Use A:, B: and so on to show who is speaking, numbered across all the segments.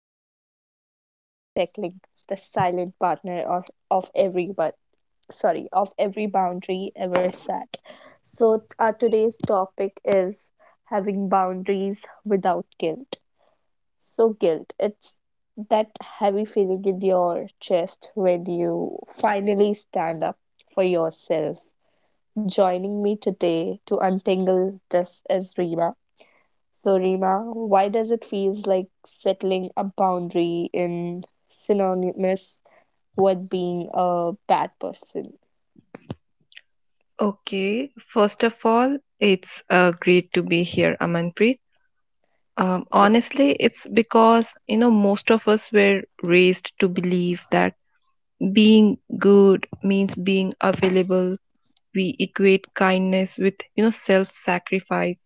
A: Amanpreet. Today we are tackling the silent partner of every, but sorry, of every boundary ever set. So our today's topic is having boundaries without guilt. So guilt, it's that heavy feeling in your chest when you finally stand up for yourself. Joining me today to untangle this is Rima. So, Rima, why does it feel like settling a boundary in synonymous with being a bad person?
B: Okay, first of all, it's great to be here, Amanpreet.
A: Ye-
B: Honestly, it's because, you know, most of us were raised to believe that being good means being available. We equate kindness with, you know, self-sacrifice.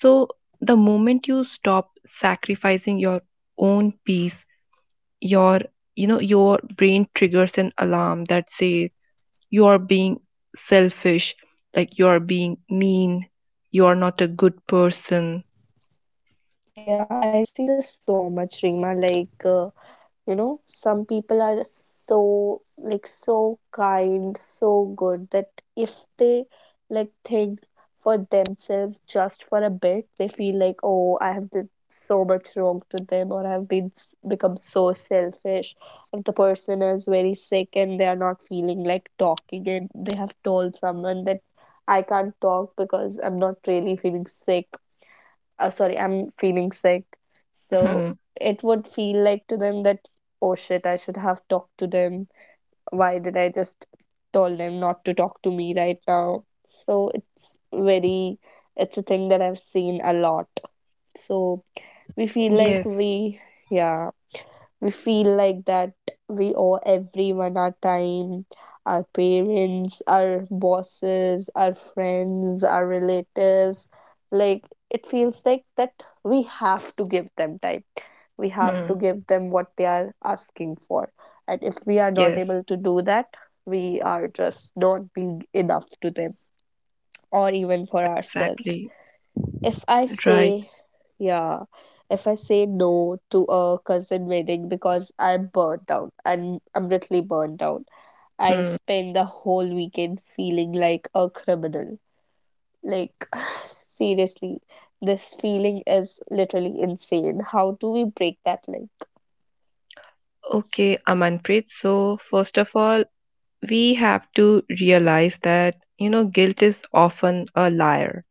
B: So the moment you stop sacrificing your own peace, your, you know, your brain triggers an alarm that says, you are being selfish, like you are being mean, you are not a good person.
A: Yeah, I see this so much, Rima. Like, you know, some people are so, like, so kind, so good, that if they like think for themselves just for a bit, they feel like, oh, I have did so much wrong to them, or I've become so selfish. If the person is very sick and they are not feeling like talking, and they have told someone that I can't talk because I'm not really feeling sick, oh sorry, I'm feeling sick. So
B: Hmm.
A: it would feel like to them that, oh shit, I should have talked to them. Why did I just told them not to talk to me right now? So it's a thing that I've seen a lot. So we feel like
B: Yes.
A: we yeah, we feel like that we owe everyone our time, our parents, our bosses, our friends, our relatives. Like it feels like that we have to give them time. We have to
B: Hmm.
A: give them what they are asking for. And if we are not
B: Yes.
A: able to do that, we are just not being enough to them or even for ourselves
B: Exactly.
A: if I
B: Right.
A: say, yeah, if I say no to a cousin wedding because I'm burnt out, and I'm literally burnt out, I
B: Hmm.
A: spend the whole weekend feeling like a criminal. Like, seriously, this feeling is literally insane. How do we break that link?
B: Okay, Amanpreet. So, first of all, we have to realize that, you know, guilt is often a liar.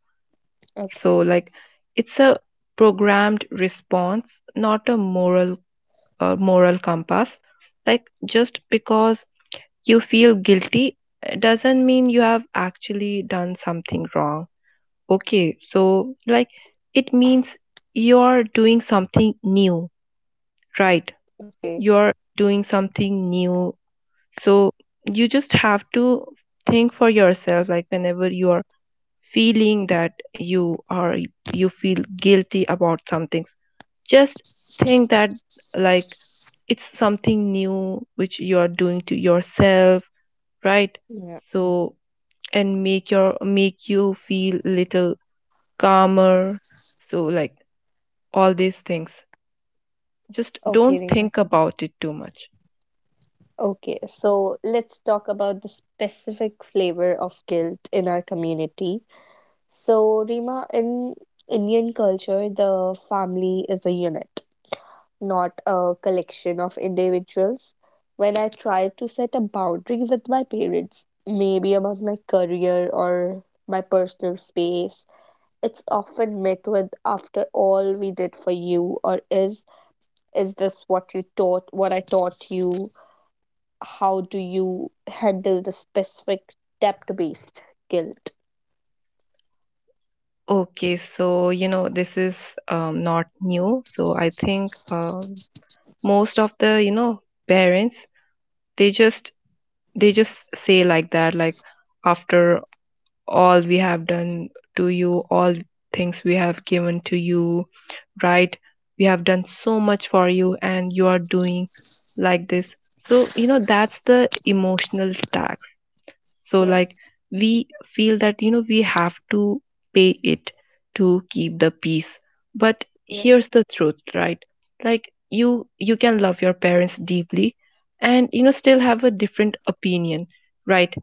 A: Okay.
B: So, like, it's a programmed response, not a moral compass. Like, just because you feel guilty doesn't mean you have actually done something wrong. Okay, so like it means you're doing something new, right?
A: Okay.
B: You're doing something new. So you just have to think for yourself, like whenever you are feeling that you are you feel guilty about some things, just think that, like, it's something new which you are doing to yourself, right?
A: Yeah.
B: So and make your make you feel little calmer. So like all these things, just
A: Okay,
B: don't
A: Rima.
B: think about it too much.
A: Okay, so let's talk about the specific flavor of guilt in our community. So, Rima, in Indian culture, the family is a unit, not a collection of individuals. When I tried to set a boundary with my parents, maybe about my career or my personal space, it's often met with after all we did for you, or is this what you taught, what I taught you? How do you handle the specific debt based guilt?
B: Okay, so you know this is not new. So I think most of the, you know, parents, they just they just say like that, like after all we have done to you, all things we have given to you, right? We have done so much for you, and you are doing like this. So, you know, that's the emotional tax. So
A: Yeah,
B: like we feel that, you know, we have to pay it to keep the peace. But
A: yeah.
B: here's the truth, right? Like you can love your parents deeply and, you know, still have a different opinion, right?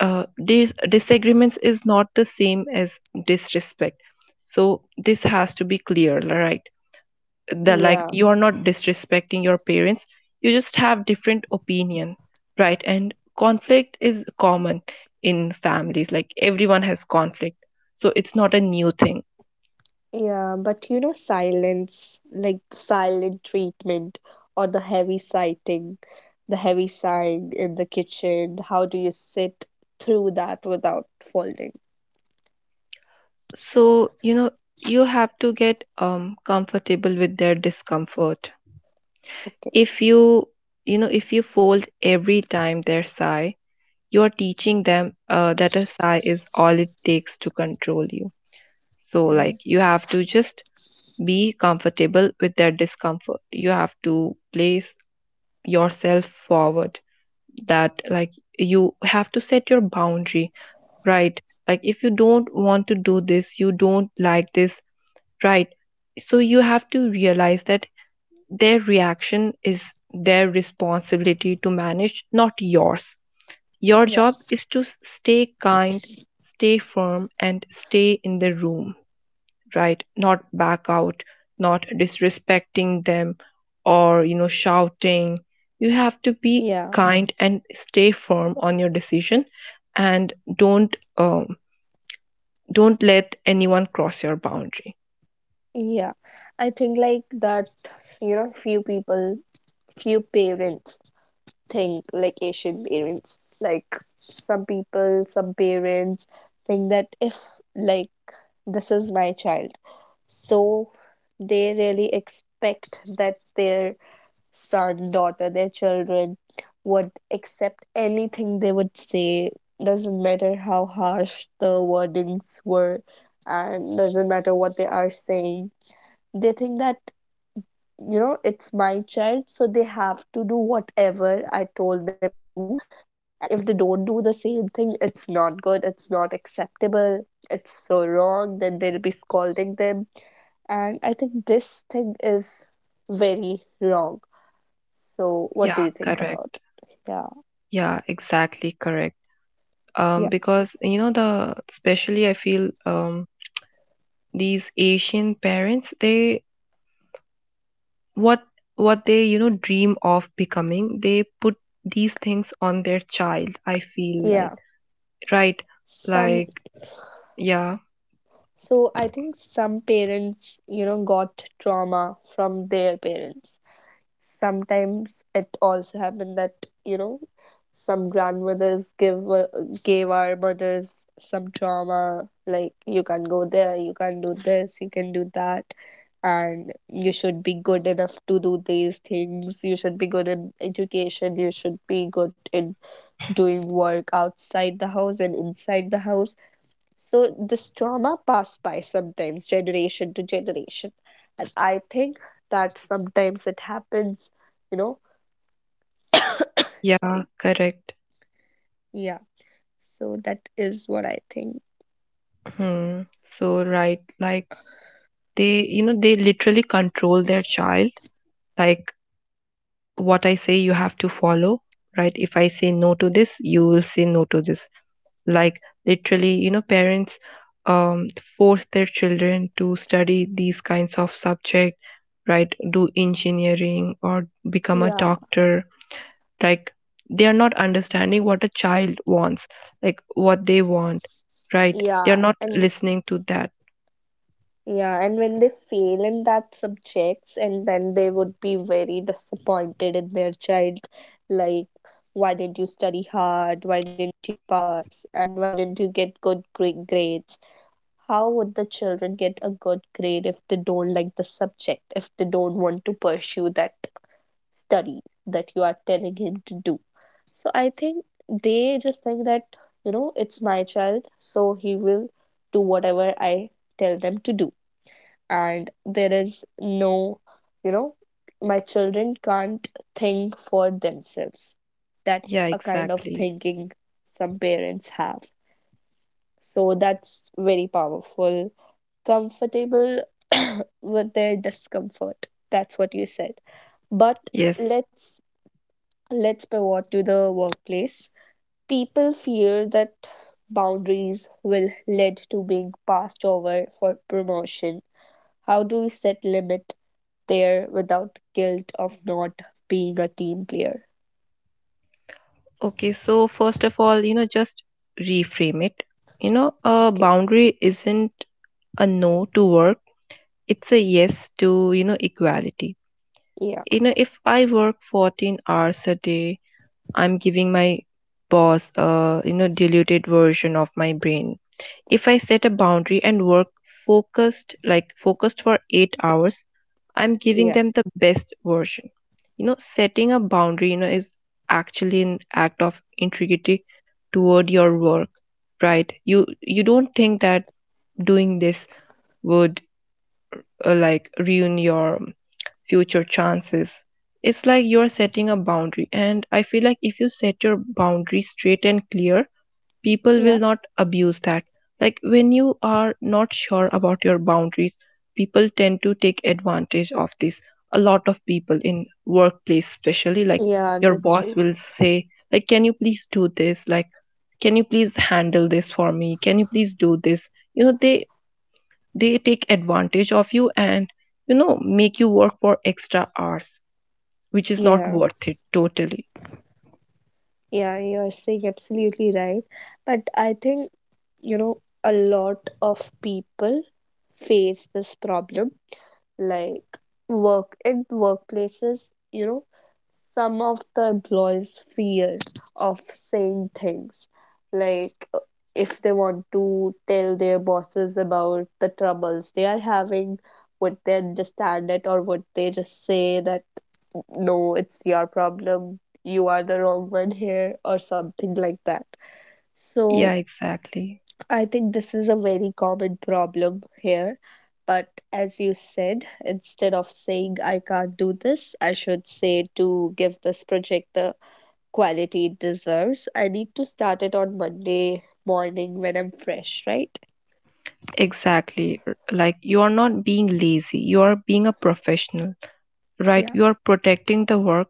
B: Disagreements is not the same as disrespect. So this has to be clear, right? The like
A: Yeah.
B: you are not disrespecting your parents, you just have different opinion, right? And conflict is common in families, like everyone has conflict, so it's not a new thing.
A: Yeah, but you know, silence, like silent treatment, or the heavy sighting, the heavy sighing in the kitchen. How do you sit through that without folding?
B: So you know you have to get comfortable with their discomfort.
A: Okay.
B: If you fold every time their sigh, you're teaching them that a sigh is all it takes to control you. So
A: Yeah.
B: like you have to just be comfortable with their discomfort. You have to place yourself forward, that like you have to set your boundary, right? Like if you don't want to do this, you don't like this, right? So you have to realize that their reaction is their responsibility to manage, not yours. Your
A: Yeah.
B: job is to stay kind, stay firm, and stay in the room, right? Not back out, not disrespecting them or, you know, shouting. You have to be
A: Yeah.
B: kind and stay firm on your decision, and don't let anyone cross your boundary.
A: Yeah. I think, like, that, you know, few people, few parents think, like, Asian parents, like some people, some parents think that if, like, this is my child. So they really expect that their son, daughter, their children would accept anything they would say. Doesn't matter how harsh the wordings were, and doesn't matter what they are saying. They think that, you know, it's my child, so they have to do whatever I told them to, and if they don't do the same thing, it's not good, it's not acceptable, it's so wrong, then they'll be scolding them. And I think this thing is very wrong. So what do
B: Yeah,
A: you think about
B: correct.
A: it? Yeah.
B: Yeah, exactly correct.
A: yeah
B: Because you know the, especially I feel these Asian parents, they what what they, you know, dream of becoming, they put these things on their child. I feel
A: yeah
B: like. Right.
A: some
B: Like, yeah,
A: So I think some parents, you know, got trauma from their parents. Sometimes it also happened that, you know, some grandmothers give gave our mothers some trauma, like you can go there, you can do this, you can do that, and you should be good enough to do these things, you should be good in education, you should be good in doing work outside the house and inside the house. So this trauma passed by sometimes generation to generation. And I think that sometimes it happens, you know.
B: yeah,
A: Sorry.
B: correct.
A: Yeah. So that is what I think.
B: Hmm. So, right. Like, they, you know, they literally control their child. Like, what I say, you have to follow, right? If I say no to this, you will say no to this. Like, literally, you know, parents um force their children to study these kinds of subject, right? Do engineering or become a
A: Yeah.
B: doctor. Like they are not understanding what a child wants, like what they want, right? They are
A: Yeah.
B: not
A: And
B: listening to that.
A: yeah, and when they fail in that subjects and then they would be very disappointed in their child, like, why didn't you study hard? Why didn't you pass? And why didn't you get good grades? How would the children get a good grade if they don't like the subject, if they don't want to pursue that study that you are telling him to do? So I think they just think that, you know, it's my child, so he will do whatever I tell them to do. And there is no, you know, my children can't think for themselves. That's
B: Yeah,
A: a kind of
B: exactly.
A: thinking some parents have. So that's very powerful comfortable with their discomfort. That's what you said. But
B: Yes.
A: let's let's pivot to the workplace. People fear that boundaries will lead to being passed over for promotion. How do we set limit there without guilt of not being a team player?
B: Okay, so first of all, you know, just reframe it. You know, a
A: Okay.
B: boundary isn't a no to work, it's a yes to, you know, equality.
A: Yeah.
B: You know, if I work 14 hours a day, I'm giving my boss a, you know, diluted version of my brain. If I set a boundary and work focused, like focused for 8 hours, I'm giving
A: Yeah.
B: them the best version. You know, setting a boundary, you know, is actually an act of integrity toward your work, right? You don't think that doing this would like ruin your future chances. It's like you're setting a boundary, and I feel like if you set your boundary straight and clear, people
A: Yeah.
B: will not abuse that. Like when you are not sure about your boundaries, people tend to take advantage of this. A lot of people in workplace, especially like
A: Yeah,
B: your
A: that's
B: boss
A: true.
B: will say, like, can you please do this? Like, can you please handle this for me? Can you please do this? You know, they take advantage of you and, you know, make you work for extra hours, which is not
A: Yeah.
B: worth it totally.
A: Yeah, you're saying absolutely right. But I think, you know, a lot of people face this problem, like work in workplaces, you know, some of the employees fear of saying things, like, if they want to tell their bosses about the troubles they are having, would they understand it, or would they just say that, no, it's your problem, you are the wrong one here, or something like that? So
B: Yeah, exactly.
A: I think this is a very common problem here. But as you said, instead of saying I can't do this, I should say to give this project the quality it deserves, I need to start it on Monday morning when I'm fresh, right?
B: Exactly. Like you are not being lazy, you are being a professional, right?
A: Yeah.
B: You are protecting the work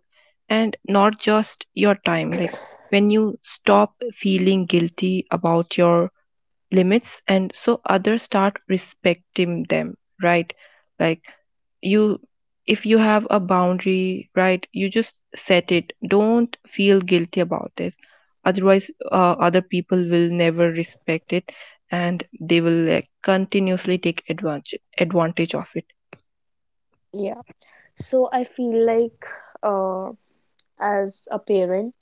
B: and not just your time. Like when you stop feeling guilty about your limits and so others start respecting them, right? Like you if you have a boundary, right, you just set it, don't feel guilty about it. Otherwise other people will never respect it, and they will like continuously take advantage of it.
A: Yeah. So I feel like, uh, as a parent,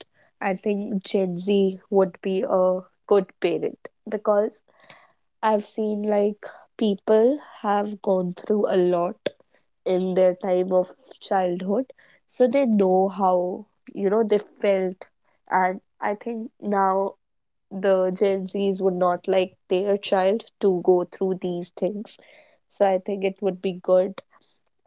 A: I think Gen Z would be a good parent, because I've seen like people have gone through a lot in their time of childhood, so they know how, you know, they felt. And I think now the Gen Zs would not like their child to go through these things. So I think it would be good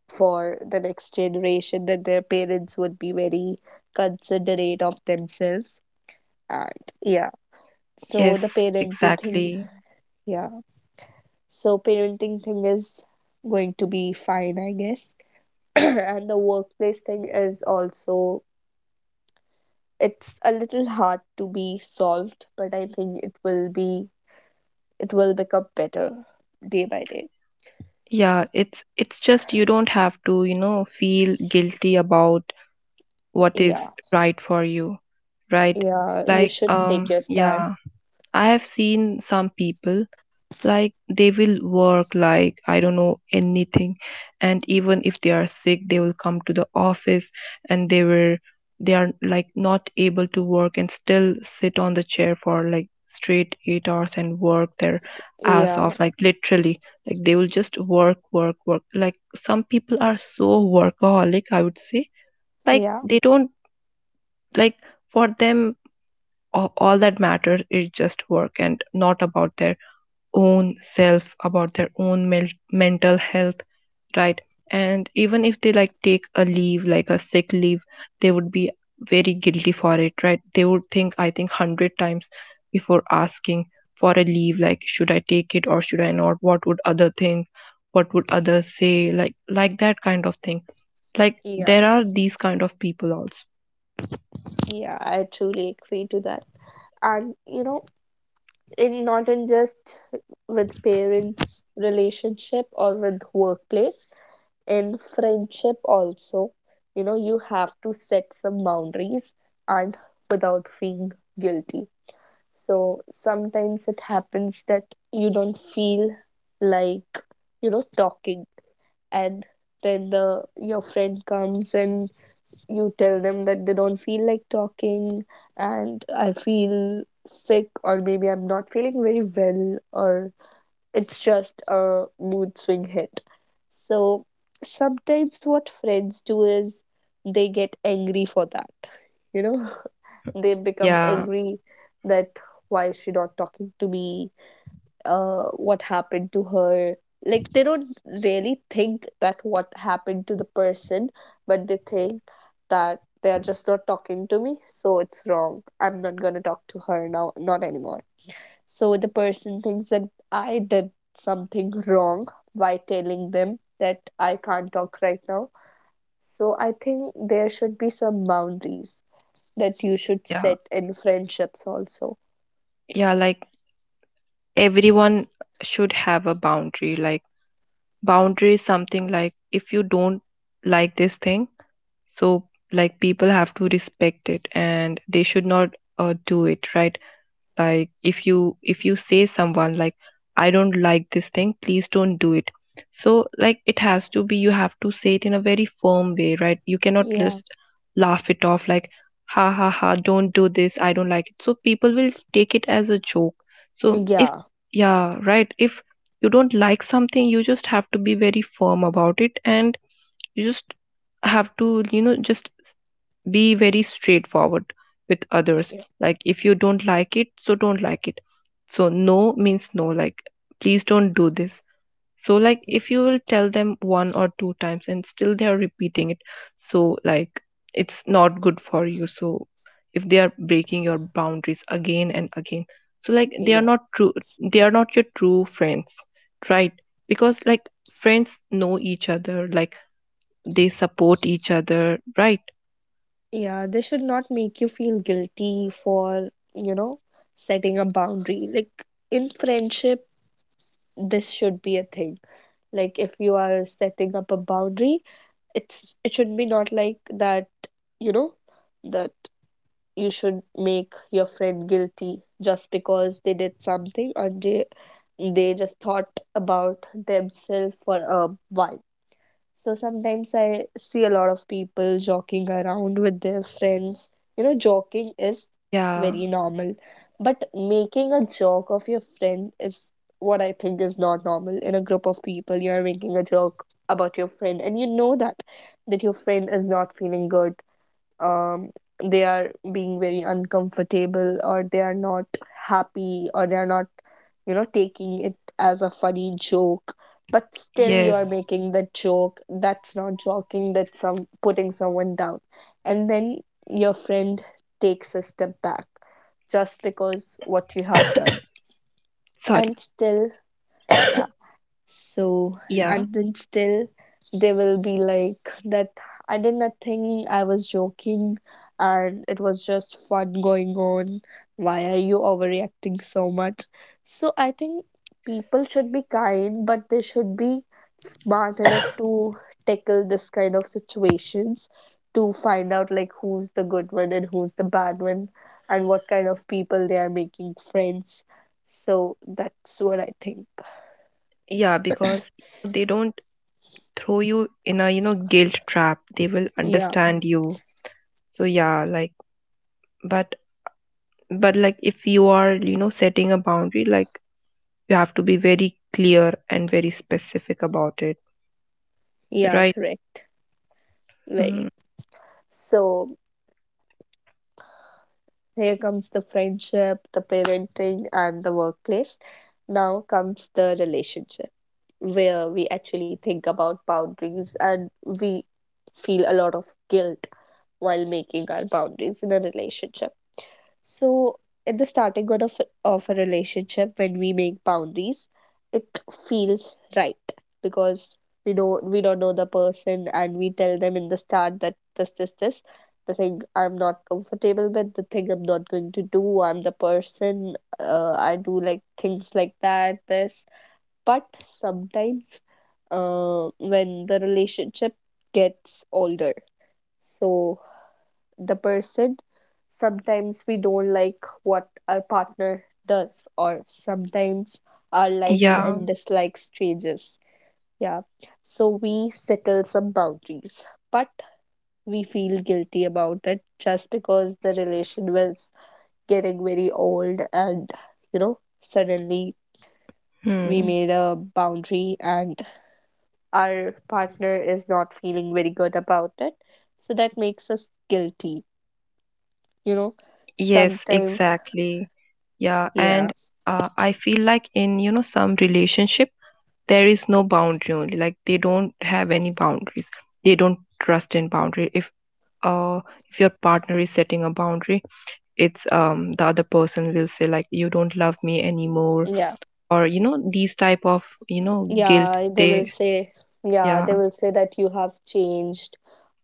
A: for the next generation that their parents would be very considerate of themselves. And yeah, so the
B: Yes,
A: parenting thing,
B: exactly.
A: yeah. So parenting thing is going to be fine, I guess. And the workplace thing is also it's a little hard to be solved, but I think it will become better day by day.
B: Yeah, it's just you don't have to, you know, feel guilty about what
A: Yeah.
B: is right for you, right?
A: Yeah, you
B: Like
A: should take your stand.
B: yeah, I have seen some people, like they will work like I don't know anything, and even if they are sick, they will come to the office, and they are like not able to work and still sit on the chair for like straight 8 hours and work their ass
A: Yeah.
B: off, like literally, like they will just work work work. Like some people are so workaholic, I would say, like
A: Yeah.
B: they don't, like for them, all that matters is just work and not about their own self, about their own mental health, right? And even if they like take a leave, like a sick leave, they would be very guilty for it, right? They would think I think 100 times before asking for a leave, like should I take it or should I not? What would other think? What would others say? Like that kind of thing. Like
A: Yeah.
B: there are these kind of people also.
A: Yeah, I truly agree to that. And you know, in not in just with parents relationship or with workplace, in friendship also, you know, you have to set some boundaries, and without feeling guilty. So sometimes it happens that you don't feel like, you know, talking, and then the your friend comes and you tell them that they don't feel like talking, and I feel sick, or maybe I'm not feeling very well, or it's just a mood swing hit. So sometimes what friends do is they get angry for that. You know, they become
B: Yeah.
A: angry that, why is she not talking to me? What happened to her? Like, they don't really think that what happened to the person, but they think that they are just not talking to me, so it's wrong. I'm not gonna talk to her now, not anymore. So the person thinks that I did something wrong by telling them that I can't talk right now. So I think there should be some boundaries that you should
B: Yeah,
A: set in friendships also.
B: yeah, like everyone should have a boundary. Like boundary is something like if you don't like this thing, so like people have to respect it and they should not do it, right? Like if you say someone, like I don't like this thing, please don't do it. So like it has to be, you have to say it in a very firm way, right? You cannot
A: Yeah.
B: just laugh it off like ha ha ha, don't do this, I don't like it, so people will take it as a joke. So if
A: Yeah.
B: yeah, right, if you don't like something, you just have to be very firm about it, and you just have to, you know, just be very straightforward with others.
A: Yeah.
B: Like if you don't like it, so don't like it. So no means no, like please don't do this. So like if you will tell them one or two times and still they are repeating it, so like it's not good for you. So if they are breaking your boundaries again and again, so like they are
A: Yeah.
B: not true, they are not your true friends, right? Because like friends know each other, like they support each other, right?
A: Yeah. They should not make you feel guilty for, you know, setting a boundary. Like, in friendship, this should be a thing. Like if you are setting up a boundary, it should be not like that, you know, that you should make your friend guilty just because they did something, or they just thought about themselves for a while. So sometimes I see a lot of people joking around with their friends. You know, joking is
B: Yeah.
A: very normal, but making a joke of your friend is what I think is not normal. In a group of people, you are making a joke about your friend, and you know that your friend is not feeling good, um, they are being very uncomfortable, or they are not happy, or they are not, you know, taking it as a funny joke, but still you are
B: Yes.
A: making the joke. That's not joking, that's some putting someone down. And then your friend takes a step back just because what you have done.
B: Sorry.
A: And still, yeah, so,
B: Yeah.
A: and then still they will be like that, I did nothing, I was joking, and it was just fun going on. Why are you overreacting so much? So I think people should be kind, but they should be smart enough to tackle this kind of situations, to find out like who's the good one and who's the bad one, and what kind of people they are making friends. So that's what I think.
B: Yeah, because they don't throw you in a, you know, guilt trap. They will
A: Yeah.
B: understand you. So yeah, like but but like if you are, you know, setting a boundary, like you have to be very clear and very specific about it,
A: Yeah,
B: right?
A: correct. Very.
B: Hmm.
A: So here comes the friendship, the parenting, and the workplace. Now comes the relationship, where we actually think about boundaries and we feel a lot of guilt while making our boundaries in a relationship. So, at the starting good of a relationship, when we make boundaries, it feels right because we don't know the person and we tell them in the start that this the thing I'm not comfortable with, the thing I'm not going to do, I'm the person I do like things like that this. But sometimes, when the relationship gets older, so the person sometimes we don't like what our partner does, or sometimes our likes
B: Yeah.
A: and dislikes changes, yeah, so we settle some boundaries, but we feel guilty about it just because the relation was getting very old and, you know, suddenly we
B: Hmm.
A: made a boundary and our partner is not feeling very good about it, so that makes us guilty, you know,
B: Yes,
A: sometimes.
B: exactly. Yeah, and
A: Yeah,
B: I feel like in, you know, some relationship there is no boundary only. Like they don't have any boundaries. They don't trust in boundary. If uh if your partner is setting a boundary, it's the other person will say like you don't love me anymore
A: yeah,
B: or, you know, these type of, you know, guilt
A: yeah. They will
B: they
A: say, yeah,
B: yeah,
A: they will say that you have changed,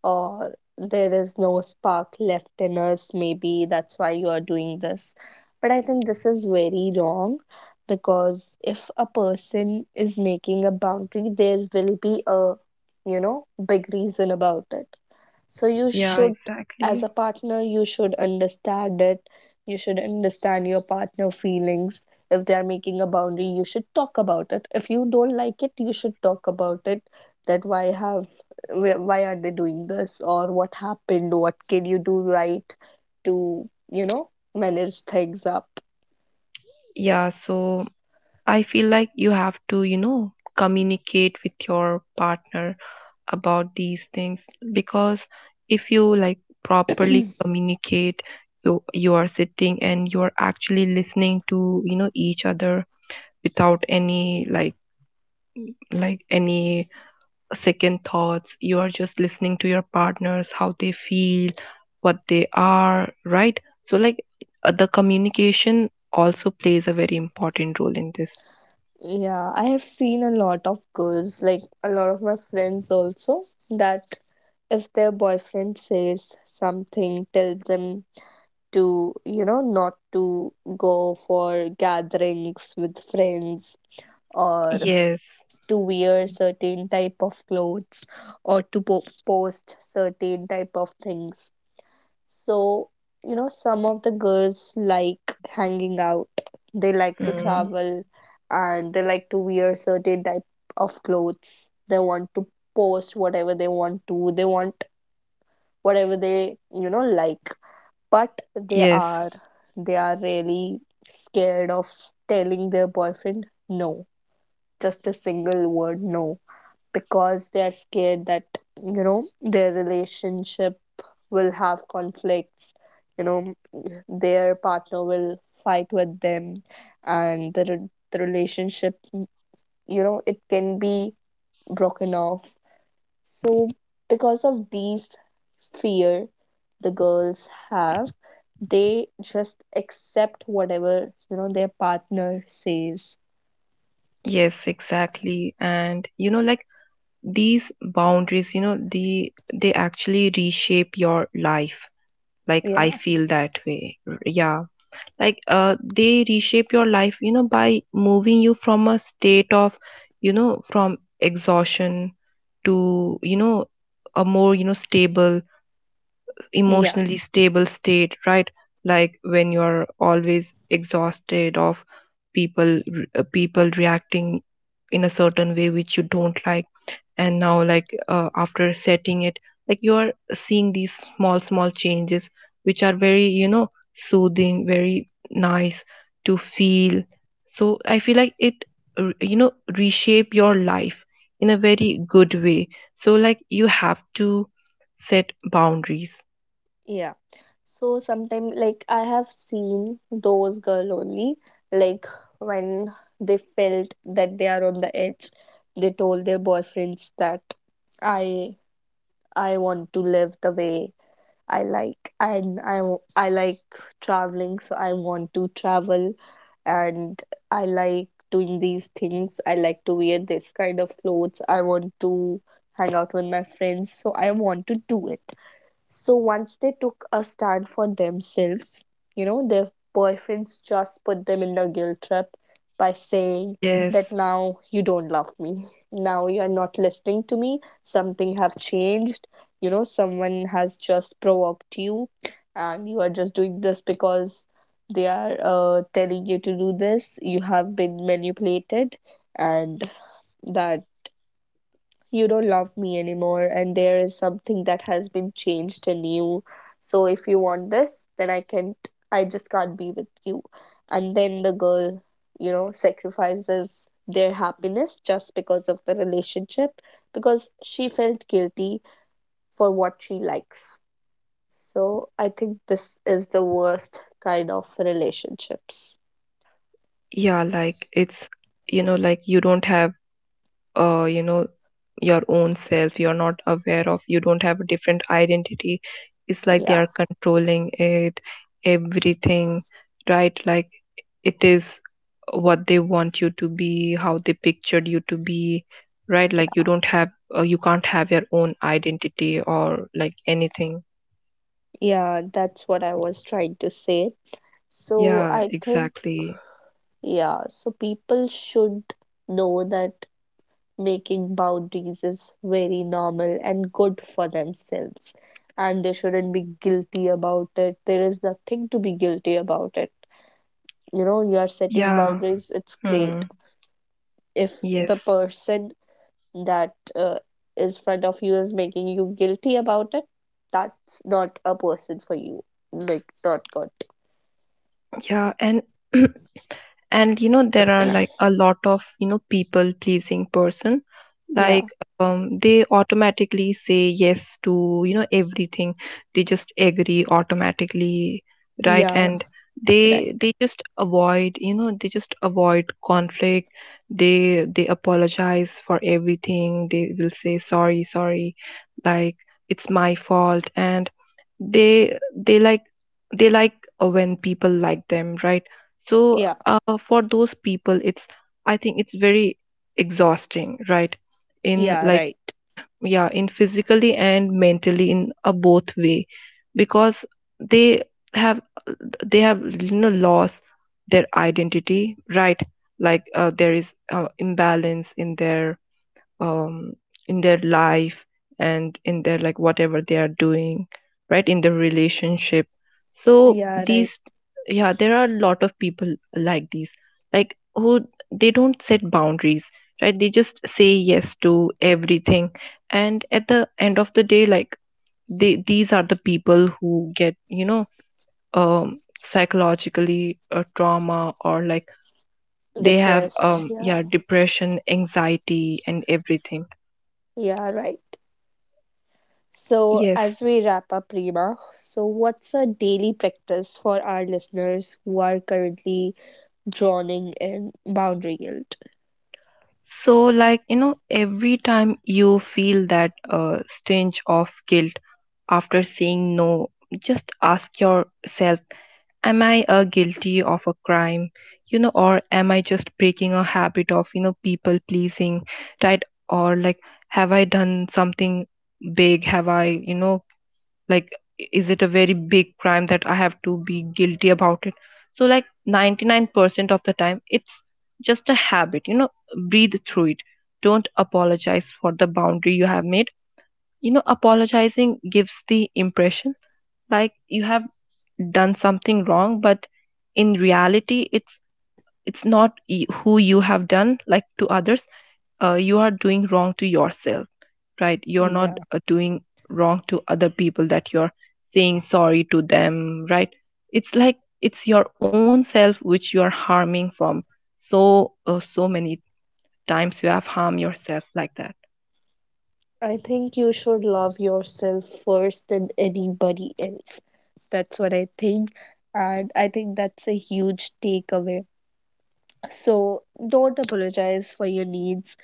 A: or there is no spark left in us. Maybe that's why you are doing this. But I think this is very wrong because if a person is making a boundary, there will be a, you know, big reason about it. So you
B: yeah,
A: should, as
B: exactly.
A: a partner you should understand it, you should understand your partner feelings. If they are making a boundary you should talk about it, if you don't like it you should talk about it, that why have why are they doing this, or what happened, what can you do, right, to, you know, manage things up.
B: Yeah, so I feel like you have to, you know, communicate with your partner about these things, because if you like properly communicate, you are sitting and you are actually listening to, you know, each other without any like any second thoughts, you are just listening to your partners, how they feel, what they are, right? So like the communication also plays a very important role in this.
A: Yeah, I have seen a lot of girls, like a lot of my friends also, that if their boyfriend says something tell them to, you know, not to go for gatherings with friends, or
B: Yes.
A: to wear certain type of clothes, or to post certain type of things. So, you know, some of the girls like hanging out, they like to
B: Mm.
A: travel, and they like to wear certain type of clothes, they want to post whatever they want to, they want whatever they, you know, like, but they
B: Yes.
A: are, they are really scared of telling their boyfriend no, just a single word no, because they are scared that, you know, their relationship will have conflicts, you know, their partner will fight with them, and the relationship, you know, it can be broken off. So, because of these fear the girls have, they just accept whatever, you know, their partner says.
B: Yes, exactly. And you know like these boundaries, you know, the they actually reshape your life, like
A: Yeah,
B: I feel that way. Yeah, like they reshape your life, you know, by moving you from a state of, you know, from exhaustion to, you know, a more, you know, stable,
A: yeah,
B: emotionally stable state, right? Like when you're always exhausted of people, people reacting in a certain way which you don't like, and now like after setting it, like you are seeing these small small changes which are very, you know, soothing, very nice to feel. So I feel like it you know reshape your life in a very good way. So like you have to set boundaries.
A: yeah. So sometimes, like I have seen those girl only, like when they felt that they are on the edge, they told their boyfriends that I I want to live the way I like, and I like traveling, so I want to travel, and I like doing these things. I like to wear this kind of clothes. I want to hang out with my friends, so I want to do it. So once they took a stand for themselves, you know, their boyfriends just put them in a guilt trap by saying that
B: Yes,
A: now you don't love me. Now you are not listening to me. Something have changed. You know, someone has just provoked you and you are just doing this because they are, telling you to do this. You have been manipulated, and that you don't love me anymore, and there is something that has been changed in you, so if you want this then I can't, I just can't be with you. And then the girl, you know, sacrifices their happiness just because of the relationship, because she felt guilty for what she likes. So I think this is the worst kind of relationships.
B: yeah, like it's, you know, like you don't have, you know, your own self, you're not aware of, you don't have a different identity. It's like they
A: Yeah,
B: are controlling it, everything, right? Like it is what they want you to be, how they pictured you to be, right? Like you don't have, you can't have your own identity or like anything.
A: yeah, that's what I was trying to say, so
B: Yeah,
A: I think.
B: exactly.
A: Yeah, so people should know that making boundaries is very normal and good for themselves, and they shouldn't be guilty about it. There is nothing to be guilty about it. You know, you are setting
B: Yeah.
A: boundaries, it's
B: Hmm.
A: great. If the
B: Yes.
A: person that is front of you is making you guilty about it, that's not a person for you. Like, not good.
B: Yeah. And and you know there are like a lot of, you know, people pleasing person,
A: Yeah,
B: like they automatically say yes to, you know, everything, they just agree automatically, right?
A: yeah,
B: And
A: right.
B: they just avoid, you know, they just avoid conflict. They apologize for everything, they will say sorry sorry, like it's my fault. And they they like they like when people like them, right? So
A: Yeah,
B: uh, for those people, it's I think it's very exhausting, right? In
A: yeah,
B: like
A: right.
B: yeah, in physically and mentally in a both way, because they have they have, you know, lost their identity, right? Like there is imbalance um, in their life and in their like whatever they are doing, right, in the relationship. So
A: Yeah, right.
B: these yeah, there are a lot of people like these, like who they don't set boundaries, right? They just say yes to everything, and at the end of the day like they these are the people who get, you know, psychologically trauma, or like they have
A: Depressed. Yeah,
B: yeah depression, anxiety, and everything.
A: yeah, right. So,
B: Yes.
A: as we wrap up, Rima, so what's a daily practice for our listeners who are currently drowning in boundary guilt?
B: So, like, you know, every time you feel that stench of guilt after saying no, just ask yourself, am I guilty of a crime? You know, or am I just breaking a habit of, you know, people pleasing, right? Or like, have I done something big? Have I, you know, like is it a very big crime that I have to be guilty about it? So like 99% of the time it's just a habit, you know. Breathe through it, don't apologize for the boundary you have made. You know, apologizing gives the impression like you have done something wrong, but in reality it's not who you have done like to others, you are doing wrong to yourself, right? You're not
A: Yeah,
B: doing wrong to other people that you're saying sorry to them, right? It's like it's your own self which you are harming from. So so many times you have harmed yourself like that.
A: I think you should love yourself first than anybody else. That's what I think. And I think that's a huge takeaway. So, don't apologize for your needs.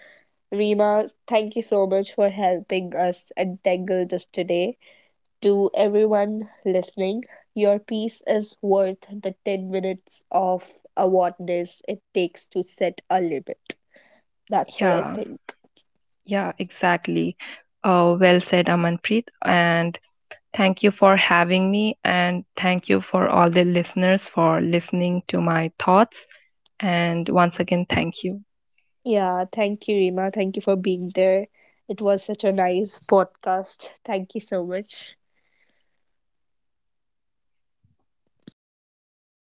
A: Rima, thank you so much for helping us untangle this today. To everyone listening. Your piece is worth the 10 minutes of awareness it takes to set a limit. That's what I
B: Yeah,
A: think.
B: yeah, exactly. Well said, Amanpreet. And thank you for having me. And thank you for all the listeners for listening to my thoughts. And once again, thank you.
A: Yeah, thank you, Rima. Thank you for being there. It was such a nice podcast. Thank you so much. हो